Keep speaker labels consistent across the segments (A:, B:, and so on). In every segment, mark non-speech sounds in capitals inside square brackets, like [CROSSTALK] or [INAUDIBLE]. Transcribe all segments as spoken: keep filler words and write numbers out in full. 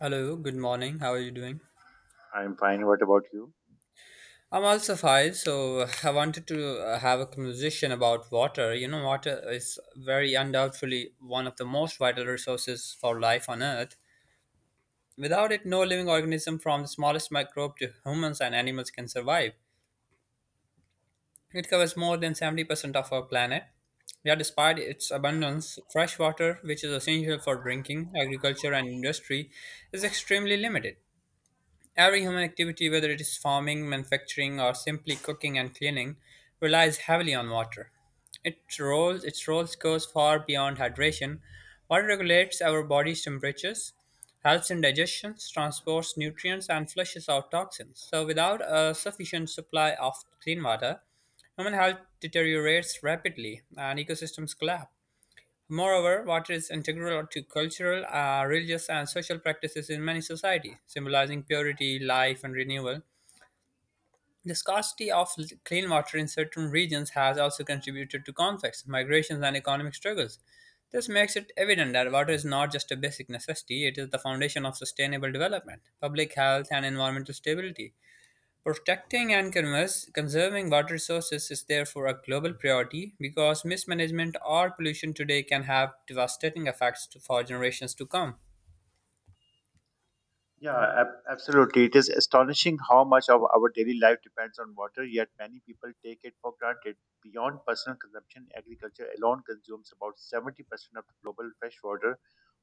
A: Hello, good morning. How are you doing?
B: I'm fine. What about you?
A: I'm also fine. So I wanted to uh, have a conversation about water. You know, water is very undoubtedly one of the most vital resources for life on Earth. Without it, no living organism from the smallest microbe to humans and animals can survive. It covers more than seventy percent of our planet. Yet, despite its abundance, fresh water, which is essential for drinking, agriculture, and industry, is extremely limited. Every human activity, whether it is farming, manufacturing, or simply cooking and cleaning, relies heavily on water. Its role, its role goes far beyond hydration. Water regulates our body's temperatures, helps in digestion, transports nutrients, and flushes out toxins. So, without a sufficient supply of clean water, human health deteriorates rapidly and ecosystems collapse. Moreover, water is integral to cultural, uh, religious, and social practices in many societies, symbolizing purity, life, and renewal. The scarcity of l- clean water in certain regions has also contributed to conflicts, migrations, and economic struggles. This makes it evident that water is not just a basic necessity, it is the foundation of sustainable development, public health, and environmental stability. Protecting and converse- conserving water resources is therefore a global priority because mismanagement or pollution today can have devastating effects to, for generations to come.
B: Yeah, ab- absolutely. It is astonishing how much of our daily life depends on water, yet many people take it for granted. Beyond personal consumption, agriculture alone consumes about seventy percent of global freshwater,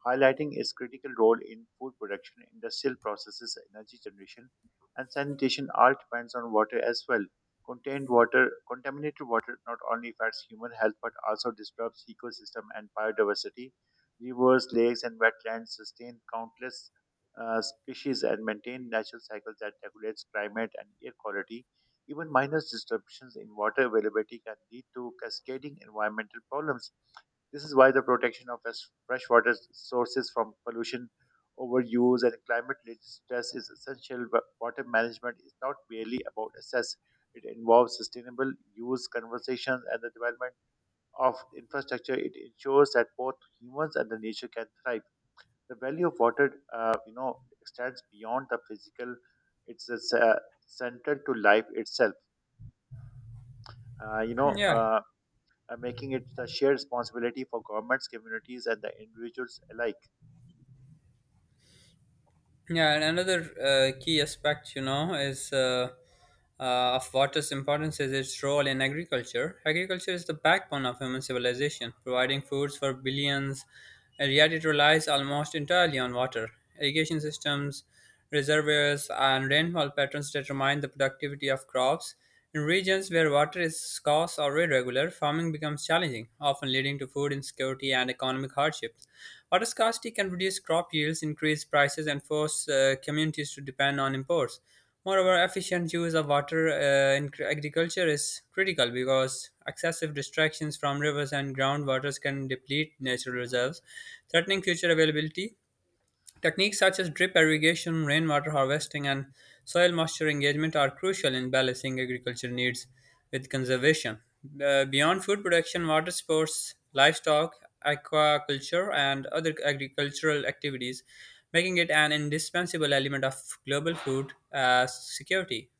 B: highlighting its critical role in food production, industrial processes, energy generation, and sanitation all depends on water as well. Contained water, contaminated water not only affects human health but also disturbs ecosystem and biodiversity. Rivers, lakes, and wetlands sustain countless uh, species and maintain natural cycles that regulates climate and air quality. Even minor disruptions in water availability can lead to cascading environmental problems. This is why the protection of fresh- freshwater sources from pollution, overuse, and climate-related stress is essential. Wa- Water management is not merely about access; it involves sustainable use, conservation, and the development of infrastructure. It ensures that both humans and the nature can thrive the value of water uh, you know extends beyond the physical, it's a ce- central to life itself, uh, you know
A: Yeah,
B: uh, uh, making it the shared responsibility for governments, communities, and the individuals alike.
A: yeah, and another uh, key aspect, you know, is uh, uh, of water's importance is its role in agriculture. Agriculture is the backbone of human civilization, providing foods for billions, and yet it relies almost entirely on water. Irrigation systems, reservoirs, and rainfall patterns determine the productivity of crops. In regions where water is scarce or irregular, farming becomes challenging, often leading to food insecurity and economic hardships. Water scarcity can reduce crop yields, increase prices, and force uh, communities to depend on imports. Moreover, efficient use of water uh, in cr- agriculture is critical because excessive distractions from rivers and groundwaters can deplete natural reserves, threatening future availability. Techniques such as drip irrigation, rainwater harvesting, and soil moisture engagement are crucial in balancing agriculture needs with conservation. Uh, beyond food production, water sports, livestock, aquaculture, and other agricultural activities, making it an indispensable element of global food uh, security.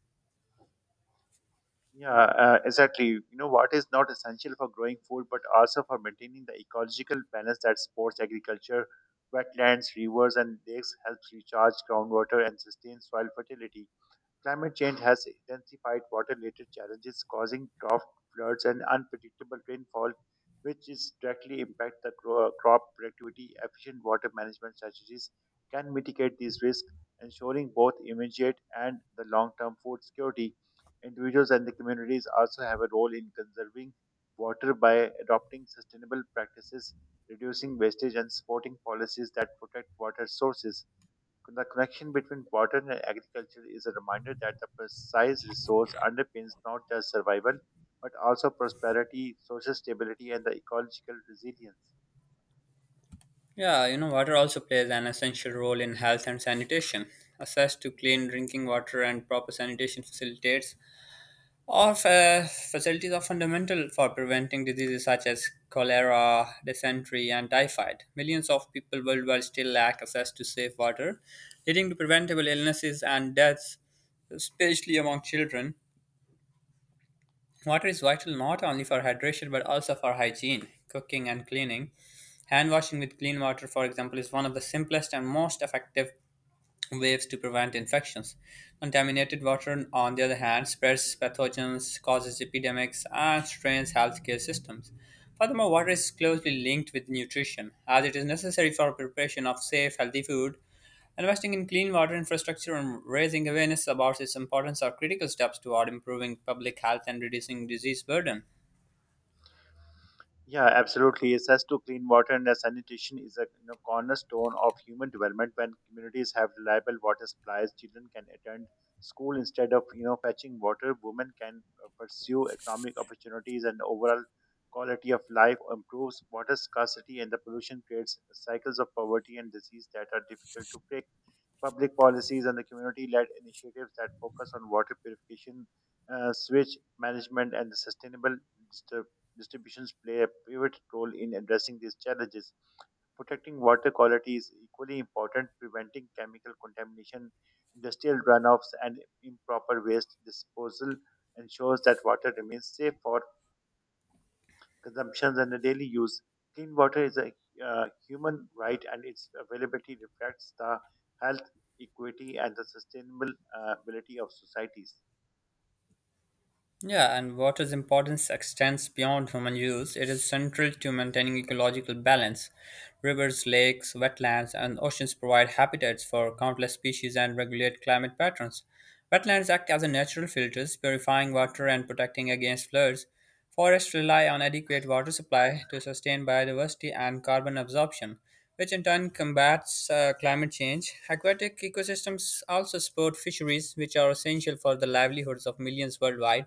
B: Yeah, uh, exactly, you know what is not essential for growing food but also for maintaining the ecological balance that supports agriculture. Wetlands, rivers, and lakes helps recharge groundwater and sustain soil fertility. Climate change has intensified water related challenges, causing drought, floods, and unpredictable rainfall, which is directly impact the cro- crop productivity. Efficient water management strategies can mitigate these risks, ensuring both immediate and the long term food security. Individuals and the communities also have a role in conserving water by adopting sustainable practices, reducing wastage, and supporting policies that protect water sources. The connection between water and agriculture is a reminder that the precise resource underpins not just survival, but also prosperity, social stability, and the ecological resilience.
A: Yeah, you know, water also plays an essential role in health and sanitation. Access to clean drinking water and proper sanitation facilitates Of fa- facilities are fundamental for preventing diseases such as cholera, dysentery, and typhoid. Millions of people worldwide still lack access to safe water, leading to preventable illnesses and deaths, especially among children. Water is vital not only for hydration but also for hygiene, cooking, and cleaning. Hand washing with clean water, for example, is one of the simplest and most effective waves to prevent infections. Contaminated water, on the other hand, spreads pathogens, causes epidemics, and strains healthcare systems. Furthermore, water is closely linked with nutrition, as it is necessary for preparation of safe, healthy food. Investing in clean water infrastructure and raising awareness about its importance are critical steps toward improving public health and reducing disease burden.
B: Yeah, absolutely. Access to clean water and sanitation is a, you know, cornerstone of human development. When communities have reliable water supplies, children can attend school instead of you know fetching water. Women can uh, pursue economic opportunities, and overall quality of life improves. Water scarcity and the pollution creates cycles of poverty and disease that are difficult to break. Public policies and the community-led initiatives that focus on water purification, uh, switch management, and the sustainable distri- distributions play a pivotal role in addressing these challenges. Protecting water quality is equally important. Preventing chemical contamination, industrial runoffs, and improper waste disposal ensures that water remains safe for consumptions and the daily use. Clean water is a uh, human right, and its availability reflects the health, equity, and the sustainable uh, ability of societies.
A: Yeah, and water's importance extends beyond human use. It is central to maintaining ecological balance. Rivers, lakes, wetlands, and oceans provide habitats for countless species and regulate climate patterns. Wetlands act as a natural filters, purifying water and protecting against floods. Forests rely on adequate water supply to sustain biodiversity and carbon absorption, which in turn combats uh, climate change. Aquatic ecosystems also support fisheries, which are essential for the livelihoods of millions worldwide.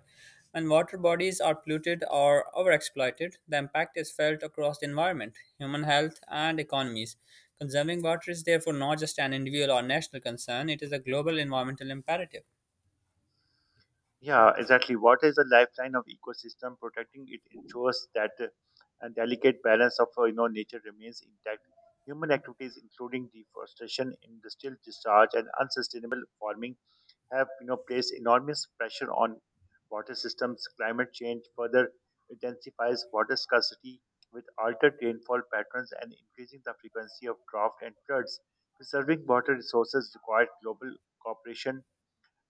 A: When water bodies are polluted or overexploited, the impact is felt across the environment, human health, and economies. Conserving water is therefore not just an individual or national concern, it is a global environmental imperative.
B: Yeah, exactly. Water is a lifeline of ecosystem. Protecting it ensures that uh, a delicate balance of, uh, you know nature remains intact. Human activities, including deforestation, industrial discharge, and unsustainable farming, have you know placed enormous pressure on water systems. Climate change further intensifies water scarcity with altered rainfall patterns and increasing the frequency of drought and floods. Preserving water resources requires global cooperation,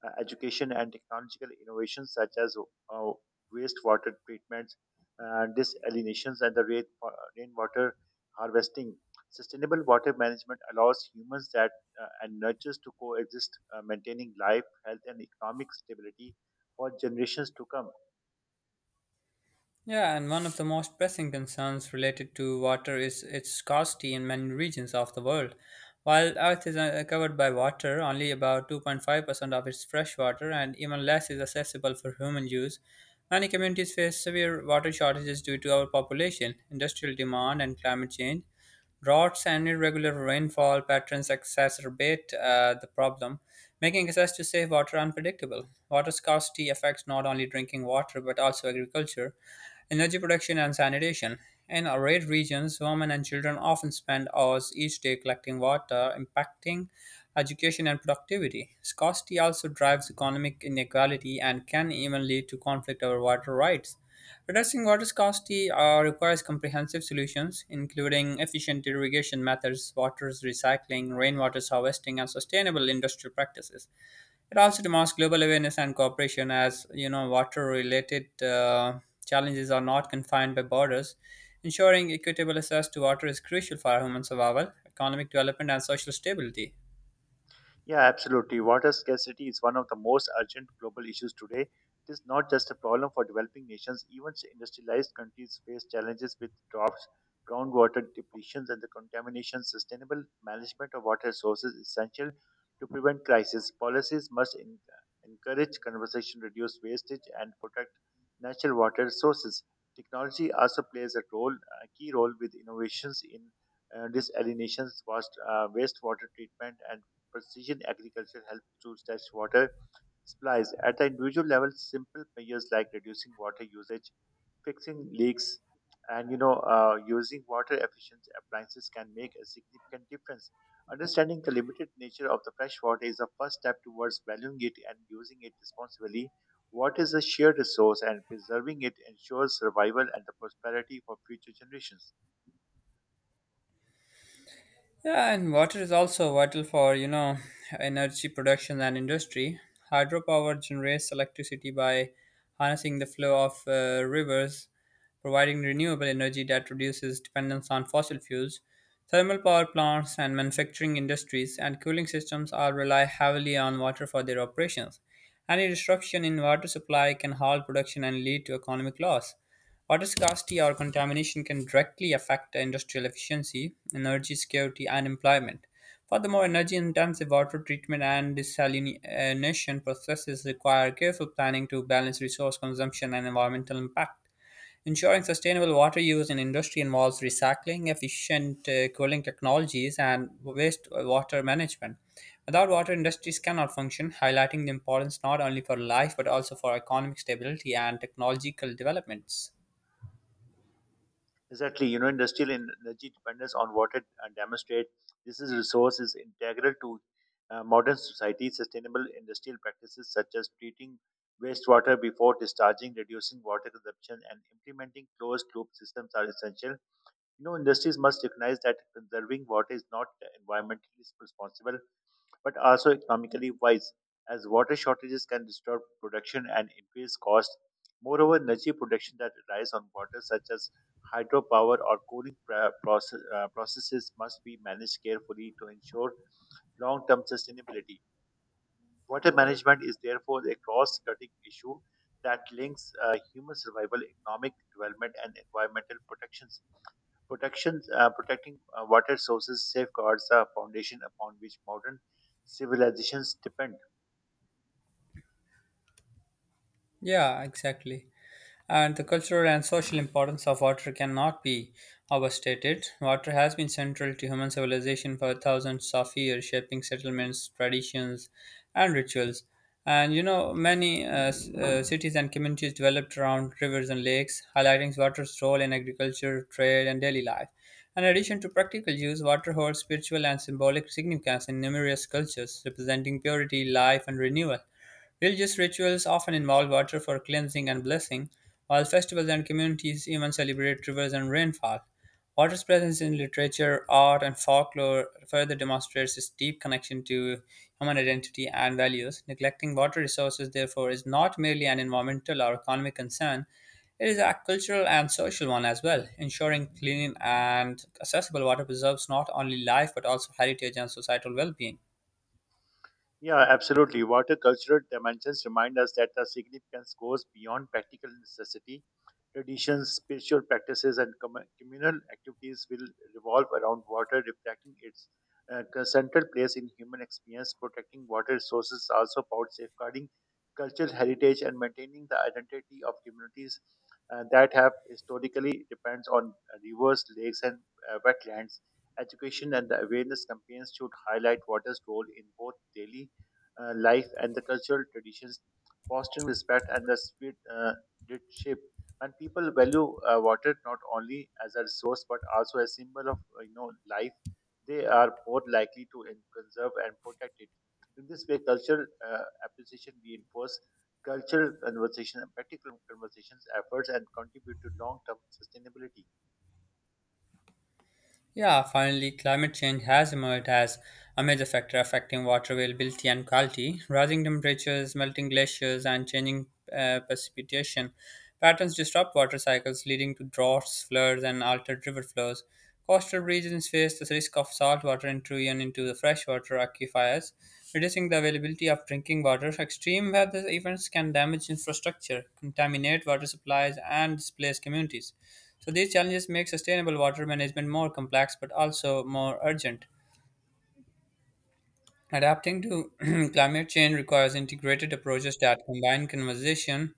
B: uh, education, and technological innovations such as uh, wastewater treatments, uh, desalinations, and the rain, uh, rainwater harvesting. Sustainable water management allows humans that uh, and nurtures to coexist, uh, maintaining life, health, and economic stability for generations to come.
A: Yeah, and one of the most pressing concerns related to water is its scarcity in many regions of the world. While Earth is uh, covered by water, only about two point five percent of its fresh water and even less is accessible for human use. Many communities face severe water shortages due to overpopulation, industrial demand, and climate change. Droughts and irregular rainfall patterns exacerbate uh, the problem, making access to safe water unpredictable. Water scarcity affects not only drinking water but also agriculture, energy production, and sanitation. In arid regions, women and children often spend hours each day collecting water, impacting education and productivity. Scarcity also drives economic inequality and can even lead to conflict over water rights. Reducing water scarcity uh, requires comprehensive solutions, including efficient irrigation methods, water recycling, rainwater harvesting, and sustainable industrial practices. It also demands global awareness and cooperation, as you know, water-related uh, challenges are not confined by borders. Ensuring equitable access to water is crucial for human survival, economic development, and social stability.
B: Yeah, absolutely. Water scarcity is one of the most urgent global issues today. It is not just a problem for developing nations, even industrialized countries face challenges with droughts, groundwater depletions, and the contamination. Sustainable management of water resources is essential to prevent crises. Policies must en- encourage conservation, reduce wastage, and protect natural water resources. Technology also plays a role, a key role with innovations in uh, desalinations, waste, uh, wastewater treatment, and precision agriculture helps to test water supplies at the individual level. Simple measures like reducing water usage, fixing leaks, and you know uh, using water efficient appliances can make a significant difference. Understanding the limited nature of the fresh water is the first step towards valuing it and using it responsibly. Water is a shared resource, and preserving it ensures survival and the prosperity for future generations.
A: Yeah, and water is also vital for, you know, energy production and industry. Hydropower generates electricity by harnessing the flow of uh, rivers, providing renewable energy that reduces dependence on fossil fuels. Thermal power plants and manufacturing industries and cooling systems all rely heavily on water for their operations. Any disruption in water supply can halt production and lead to economic loss. Water scarcity or contamination can directly affect industrial efficiency, energy security, and employment. Furthermore, energy intensive water treatment and desalination processes require careful planning to balance resource consumption and environmental impact. Ensuring sustainable water use in industry involves recycling, efficient uh, cooling technologies, and waste uh, water management. Without water, industries cannot function, highlighting the importance not only for life but also for economic stability and technological developments.
B: Exactly, you know, industrial en- energy dependence on water uh, demonstrate this is resource is integral to uh, modern society. Sustainable industrial practices such as treating wastewater before discharging, reducing water consumption, and implementing closed-loop systems are essential. You know, industries must recognize that conserving water is not environmentally responsible but also economically wise, as water shortages can disturb production and increase costs. Moreover, energy production that relies on water, such as hydropower or cooling pra- process, uh, processes, must be managed carefully to ensure long term sustainability. Water management is therefore a cross cutting issue that links uh, human survival, economic development, and environmental protection. Protections, uh, protecting uh, water sources safeguards the foundation upon which modern civilizations depend.
A: Yeah, exactly. And the cultural and social importance of water cannot be overstated. Water has been central to human civilization for thousands of years, shaping settlements, traditions, and rituals. And you know, many uh, s- uh, cities and communities developed around rivers and lakes, highlighting water's role in agriculture, trade, and daily life. In addition to practical use, water holds spiritual and symbolic significance in numerous cultures, representing purity, life, and renewal. Religious rituals often involve water for cleansing and blessing, while festivals and communities even celebrate rivers and rainfall. Water's presence in literature, art, and folklore further demonstrates its deep connection to human identity and values. Neglecting water resources, therefore, is not merely an environmental or economic concern, it is a cultural and social one as well. Ensuring clean and accessible water preserves not only life but also heritage and societal well being.
B: Yeah, absolutely. Water cultural dimensions remind us that the significance goes beyond practical necessity. Traditions, spiritual practices, and commu- communal activities will revolve around water, reflecting its uh, central place in human experience. Protecting water resources is also about safeguarding cultural heritage and maintaining the identity of communities uh, that have historically depends on uh, rivers, lakes, and uh, wetlands. Education and the awareness campaigns should highlight water's role in both daily uh, life and the cultural traditions, fostering respect and the spirit uh, did shape. When people value uh, water not only as a resource but also a symbol of, uh, you know life, they are more likely to en- conserve and protect it. In this way, cultural uh, appreciation reinforce cultural conversation and practical conversations efforts and contribute to long-term sustainability.
A: Yeah, finally, climate change has emerged as a major factor affecting water availability and quality. Rising temperatures, melting glaciers, and changing uh, precipitation patterns disrupt water cycles, leading to droughts, floods, and altered river flows. Coastal regions face the risk of saltwater intrusion into the freshwater aquifers, reducing the availability of drinking water. Extreme weather events can damage infrastructure, contaminate water supplies, and displace communities. So these challenges make sustainable water management more complex but also more urgent. Adapting to [CLEARS THROAT] climate change requires integrated approaches that combine conservation,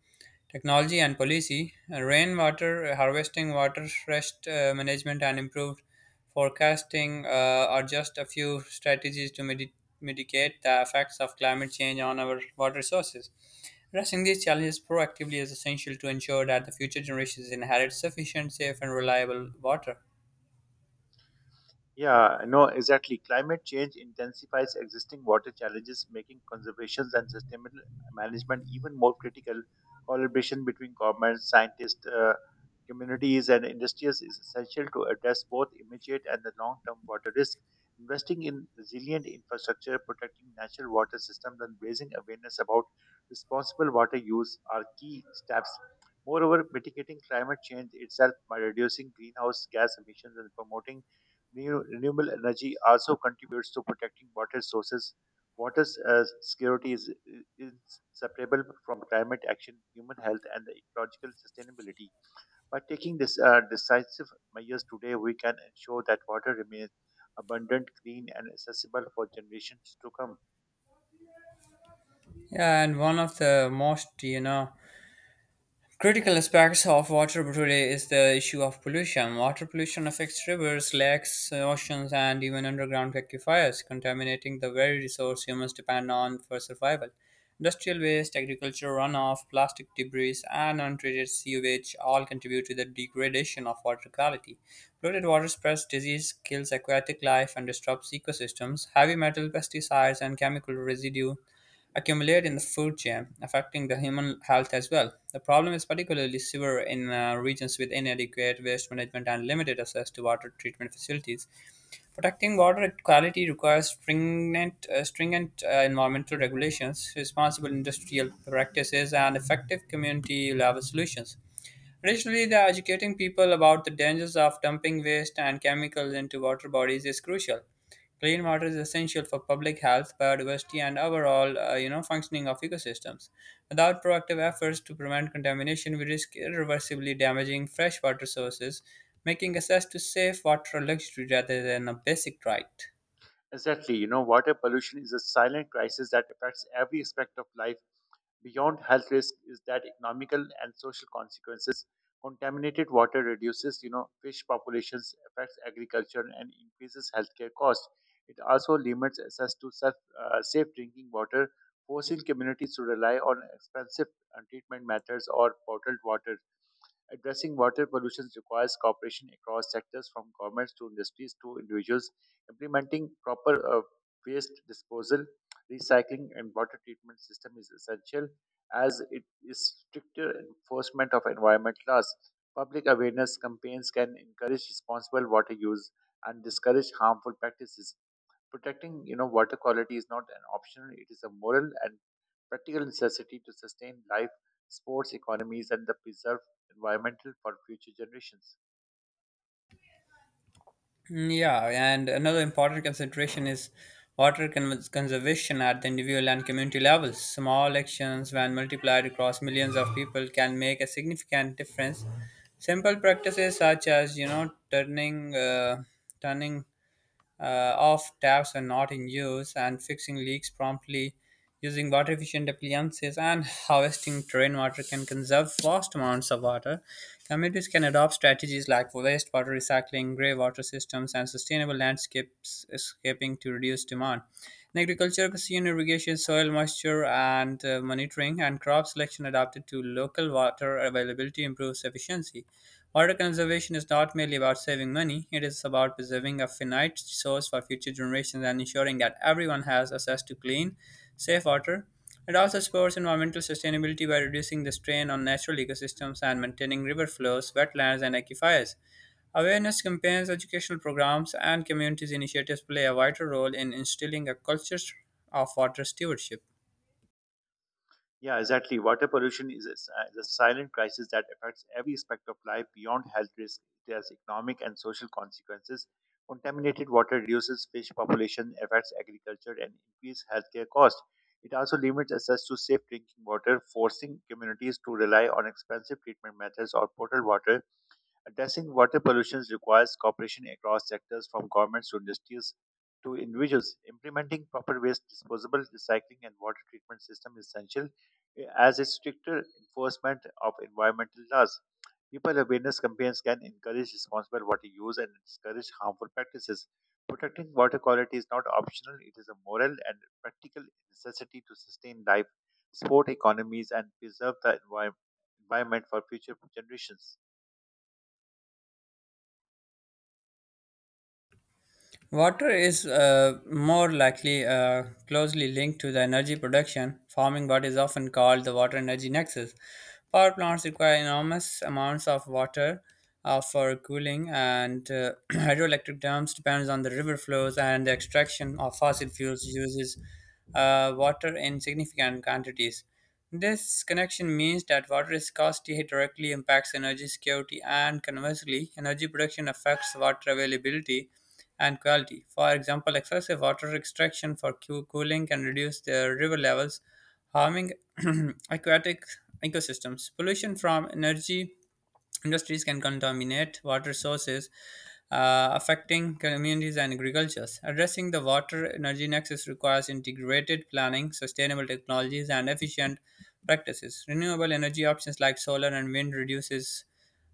A: technology, and policy. Uh, Rainwater harvesting, water stress uh, management, and improved forecasting uh, are just a few strategies to midi- mitigate the effects of climate change on our water sources. Addressing these challenges proactively is essential to ensure that the future generations inherit sufficient, safe, and reliable water.
B: Yeah, no, exactly. Climate change intensifies existing water challenges, making conservation and sustainable management even more critical. Collaboration between governments, scientists, uh, communities, and industries is essential to address both immediate and the long-term water risk. Investing in resilient infrastructure, protecting natural water systems, and raising awareness about responsible water use are key steps. Moreover, mitigating climate change itself by reducing greenhouse gas emissions and promoting Renew- renewable energy also contributes to protecting water sources. Water uh, security is inseparable from climate action, human health, and the ecological sustainability. By taking this uh, decisive measures today, we can ensure that water remains abundant, clean, and accessible for generations to come.
A: Yeah, and one of the most, you know, critical aspects of water today is the issue of pollution. Water pollution affects rivers, lakes, oceans, and even underground aquifers, contaminating the very resource humans depend on for survival. Industrial waste, agriculture runoff, plastic debris, and untreated sewage all contribute to the degradation of water quality. Polluted water spreads disease, kills aquatic life, and disrupts ecosystems. Heavy metal, pesticides, and chemical residue accumulate in the food chain, affecting the human health as well. The problem is particularly severe in uh, regions with inadequate waste management and limited access to water treatment facilities. Protecting water quality requires stringent, uh, stringent uh, environmental regulations, responsible industrial practices, and effective community level solutions. Additionally, the educating people about the dangers of dumping waste and chemicals into water bodies is crucial. Clean water is essential for public health, biodiversity, and overall, uh, you know, functioning of ecosystems. Without proactive efforts to prevent contamination, we risk irreversibly damaging freshwater sources, making access to safe water a luxury rather than a basic right.
B: Exactly, you know, water pollution is a silent crisis that affects every aspect of life beyond health risk is that economical and social consequences. Contaminated water reduces, you know, fish populations, affects agriculture, and increases healthcare costs. It also limits access to self, uh, safe drinking water, forcing communities to rely on expensive uh, treatment methods or bottled water. Addressing water pollution requires cooperation across sectors from governments to industries to individuals. Implementing proper uh, waste disposal, recycling, and water treatment system is essential as it is stricter enforcement of environment laws. Public awareness campaigns can encourage responsible water use and discourage harmful practices. Protecting, you know, water quality is not an option; it is a moral and practical necessity to sustain life, sports, economies, and the preserve environmental for future generations.
A: Mm, yeah, and another important consideration is water con- conservation at the individual and community levels. Small actions, when multiplied across millions of people, can make a significant difference. Simple practices such as you know turning uh, turning uh, off taps when not in use and fixing leaks promptly, using water efficient appliances and [LAUGHS] harvesting terrain water can conserve vast amounts of water. Communities can adopt strategies like wastewater recycling, grey water systems, and sustainable landscapes escaping to reduce demand in agriculture, precision irrigation, soil moisture and uh, monitoring, and crop selection adapted to local water availability improves efficiency. Water conservation is not merely about saving money, it is about preserving a finite source for future generations and ensuring that everyone has access to clean, safe water. It also supports environmental sustainability by reducing the strain on natural ecosystems and maintaining river flows, wetlands, and aquifers. Awareness campaigns, educational programs, and community initiatives play a vital role in instilling a culture of water stewardship.
B: Yeah, exactly. Water pollution is a, s- uh, is a silent crisis that affects every aspect of life beyond health risk. It has economic and social consequences. Contaminated water reduces fish population, affects agriculture, and increases healthcare costs. It also limits access to safe drinking water, forcing communities to rely on expensive treatment methods or potable water. Addressing water pollution requires cooperation across sectors from governments to industries to individuals. Implementing proper waste disposal, recycling, and water treatment system is essential, eh, as is stricter enforcement of environmental laws. People awareness campaigns can encourage responsible water use and discourage harmful practices. Protecting water quality is not optional, it is a moral and practical necessity to sustain life, support economies, and preserve the envi- environment for future generations.
A: Water is uh, more likely uh, closely linked to the energy production, forming what is often called the water energy nexus. Power plants require enormous amounts of water uh, for cooling, and uh, [CLEARS THROAT] hydroelectric dams depends on the river flows and the extraction of fossil fuels uses uh, water in significant quantities. This connection means that water scarcity directly impacts energy security, and conversely, energy production affects water availability and quality. For example, excessive water extraction for coo- cooling can reduce their river levels, harming [CLEARS THROAT] aquatic ecosystems. Pollution from energy industries can contaminate water sources, uh, affecting communities and agricultures. Addressing the water energy nexus requires integrated planning, sustainable technologies, and efficient practices. Renewable energy options like solar and wind reduces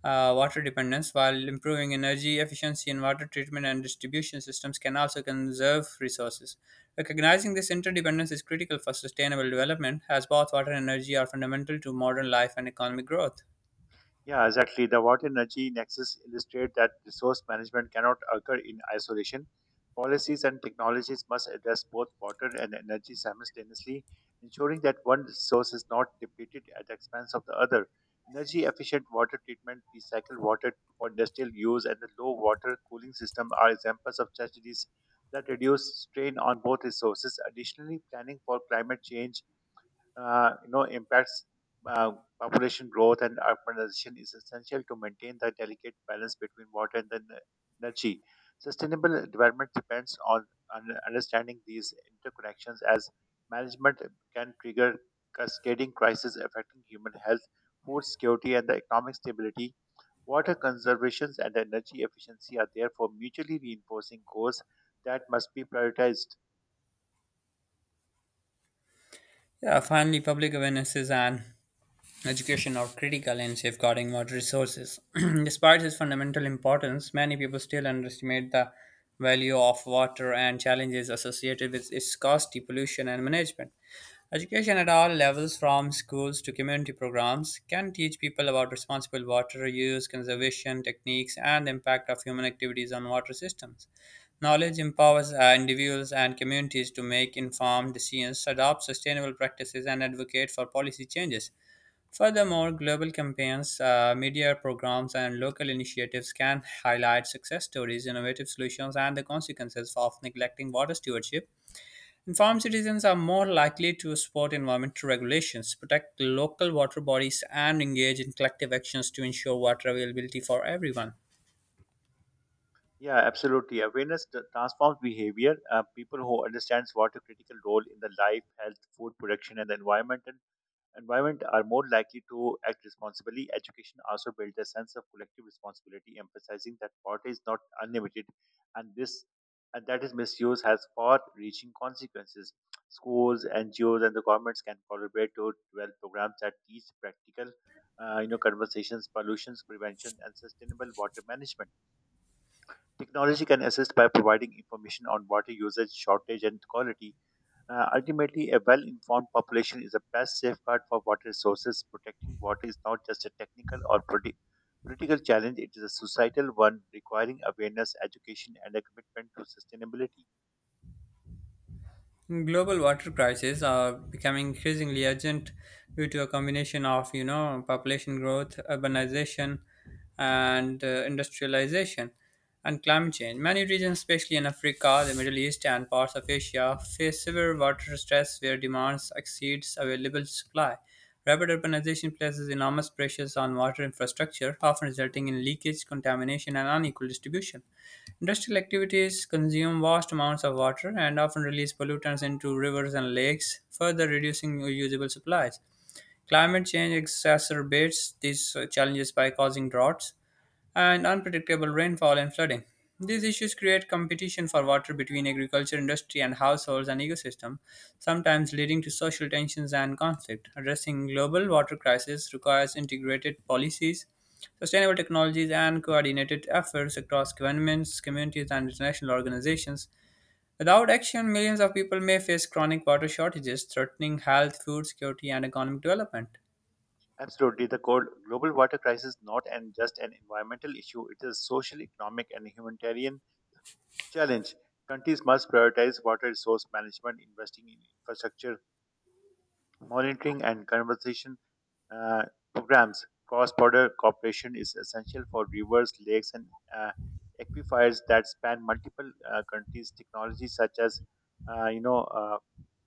A: uh, water dependence while improving energy efficiency in water treatment and distribution systems can also conserve resources. Recognizing this interdependence is critical for sustainable development as both water and energy are fundamental to modern life and economic growth.
B: Yeah, exactly. The water energy nexus illustrate that resource management cannot occur in isolation. Policies and technologies must address both water and energy simultaneously, ensuring that one resource is not depleted at the expense of the other. Energy efficient water treatment, recycled water for industrial use, and the low water cooling system are examples of strategies that reduce strain on both resources. Additionally, planning for climate change uh, you know impacts, uh, population growth and urbanization is essential to maintain the delicate balance between water and the n- energy. Sustainable development depends on un- understanding these interconnections as management can trigger cascading crises affecting human health, food security, and the economic stability. Water conservation and energy efficiency are therefore mutually reinforcing goals that must be prioritized.
A: Yeah, finally, public awarenesses and education are critical in safeguarding water resources. [CLEARS THROAT] Despite its fundamental importance, many people still underestimate the value of water and challenges associated with its scarcity, pollution, and management. Education at all levels, from schools to community programs, can teach people about responsible water use, conservation techniques, and the impact of human activities on water systems. Knowledge empowers uh, individuals and communities to make informed decisions, adopt sustainable practices, and advocate for policy changes. Furthermore, global campaigns, uh, media programs, and local initiatives can highlight success stories, innovative solutions, and the consequences of neglecting water stewardship. Informed citizens are more likely to support environmental regulations, protect local water bodies, and engage in collective actions to ensure water availability for everyone.
B: Yeah, absolutely. Awareness t- transforms behavior. Uh, people who understands what a critical role in the life, health, food production, and the environment and environment are more likely to act responsibly. Education also builds a sense of collective responsibility, emphasizing that water is not unlimited, and this and that is misuse has far-reaching consequences. Schools, N G Os, and the governments can collaborate to develop programs that teach practical, uh, you know, conversations, pollutions prevention, and sustainable water management. Technology can assist by providing information on water usage, shortage, and quality. Uh, ultimately, a well informed population is the best safeguard for water resources. Protecting water is not just a technical or politi- political challenge, it is a societal one requiring awareness, education, and a commitment to sustainability.
A: Global water crises are becoming increasingly urgent due to a combination of, you know, population growth, urbanization, and uh, industrialization, and climate change. Many regions, especially in Africa, the Middle East, and parts of Asia, face severe water stress where demands exceeds available supply. Rapid urbanization places enormous pressures on water infrastructure, often resulting in leakage, contamination, and unequal distribution. Industrial activities consume vast amounts of water and often release pollutants into rivers and lakes, further reducing usable supplies. Climate change exacerbates these uh, challenges by causing droughts and unpredictable rainfall and flooding. These issues create competition for water between agriculture, industry, and households and ecosystem, sometimes leading to social tensions and conflict. Addressing global water crisis requires integrated policies, sustainable technologies, and coordinated efforts across governments, communities, and international organizations. Without action, millions of people may face chronic water shortages, threatening health, food security, and economic development.
B: Absolutely, the goal, global water crisis is not an, just an environmental issue, it is a social, economic, and humanitarian challenge. Countries must prioritize water resource management, investing in infrastructure, monitoring, and conservation uh, programs. Cross-border cooperation is essential for rivers, lakes, and uh, aquifers that span multiple uh, countries. Technologies such as, uh, you know, uh,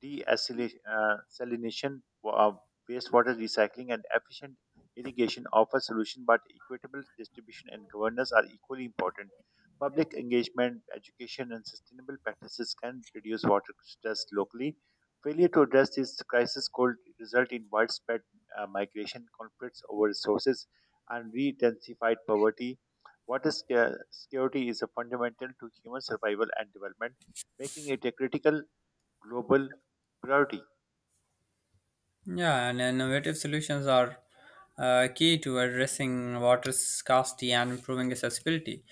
B: desalination, uh, salination, wa- uh, wastewater recycling, and efficient irrigation offer solution, but equitable distribution and governance are equally important. Public engagement, education, and sustainable practices can reduce water stress locally. Failure to address this crisis could result in widespread uh, migration, conflicts over resources, and re-intensified poverty. Water sca- security is a fundamental to human survival and development, making it a critical global priority.
A: Yeah, and innovative solutions are uh, key to addressing water scarcity and improving accessibility.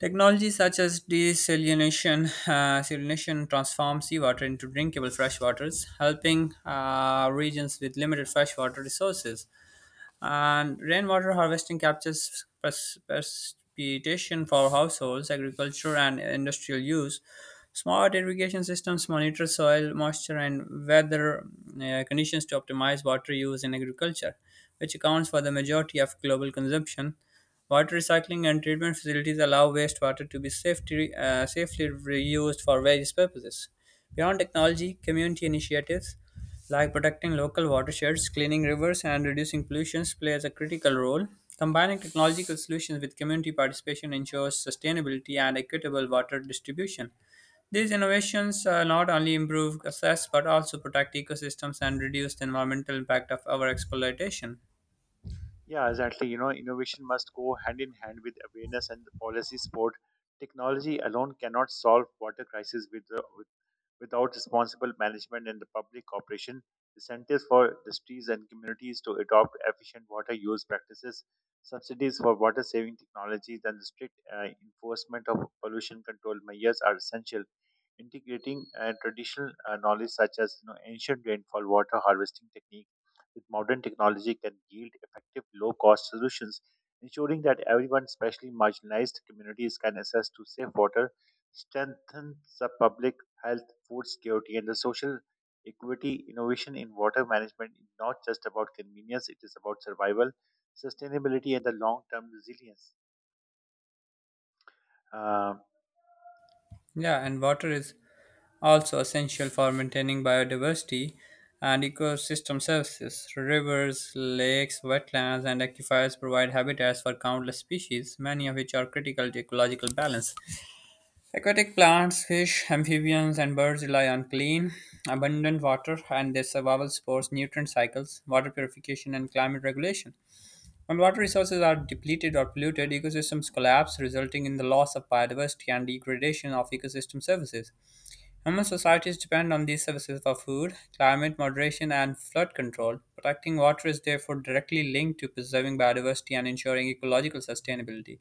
A: Technologies such as desalination, [LAUGHS] uh, salination transform seawater into drinkable fresh waters, helping uh, regions with limited freshwater resources. And rainwater harvesting captures pres- precipitation for households, agriculture, and industrial use. Smart irrigation systems monitor soil moisture and weather uh, conditions to optimize water use in agriculture, which accounts for the majority of global consumption. Water recycling and treatment facilities allow wastewater to be safety, uh, safely reused for various purposes. Beyond technology, community initiatives like protecting local watersheds, cleaning rivers, and reducing pollutions plays a critical role. Combining technological solutions with community participation ensures sustainability and equitable water distribution. These innovations uh, not only improve access but also protect ecosystems and reduce the environmental impact of our exploitation.
B: Yeah, exactly. You know, innovation must go hand in hand with awareness and policy support. Technology alone cannot solve water crisis with, the, with without responsible management and the public cooperation, incentives for industries and communities to adopt efficient water use practices, subsidies for water saving technologies, and the strict uh, enforcement of pollution control measures are essential. Integrating uh, traditional uh, knowledge such as, you know, ancient rainfall water harvesting techniques with modern technology can yield effective low-cost solutions, ensuring that everyone, especially marginalized communities, can access to safe water strengthens the public health, food security, and the social equity. Innovation in water management is not just about convenience, it is about survival, sustainability, and the long term resilience. Um,
A: Yeah, and water is also essential for maintaining biodiversity and ecosystem services. Rivers, lakes, wetlands, and aquifers provide habitats for countless species, many of which are critical to ecological balance. Aquatic plants, fish, amphibians, and birds rely on clean, abundant water, and their survival supports nutrient cycles, water purification, and climate regulation. When water resources are depleted or polluted, ecosystems collapse, resulting in the loss of biodiversity and degradation of ecosystem services. Human societies depend on these services for food, climate moderation, and flood control. Protecting water is therefore directly linked to preserving biodiversity and ensuring ecological sustainability.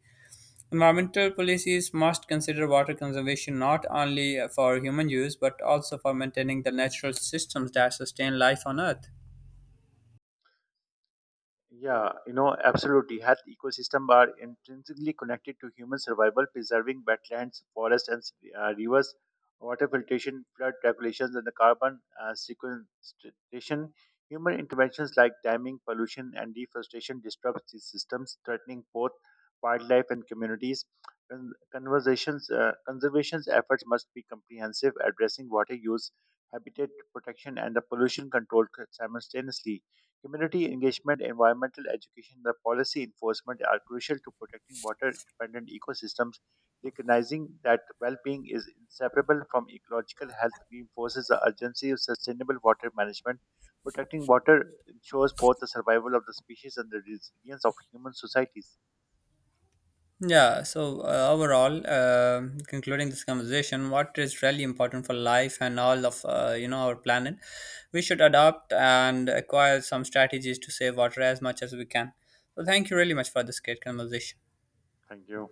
A: Environmental policies must consider water conservation not only for human use but also for maintaining the natural systems that sustain life on Earth.
B: Yeah, you know, absolutely. Health ecosystems are intrinsically connected to human survival. Preserving wetlands, forests, and uh, rivers, water filtration, flood regulations, and the carbon uh, sequestration. Human interventions like damming, pollution, and deforestation disrupt these systems, threatening both wildlife and communities. Con- Conversations, uh, conservation efforts must be comprehensive, addressing water use, habitat protection, and the pollution control simultaneously. Community engagement, environmental education, and the policy enforcement are crucial to protecting water dependent ecosystems. Recognizing that well being is inseparable from ecological health reinforces the urgency of sustainable water management. Protecting water ensures both the survival of the species and the resilience of human societies.
A: Yeah, so uh, overall, uh, concluding this conversation, what is really important for life and all of uh, you know our planet, we should adopt and acquire some strategies to save water as much as we can. So thank you really much for this great conversation.
B: Thank you.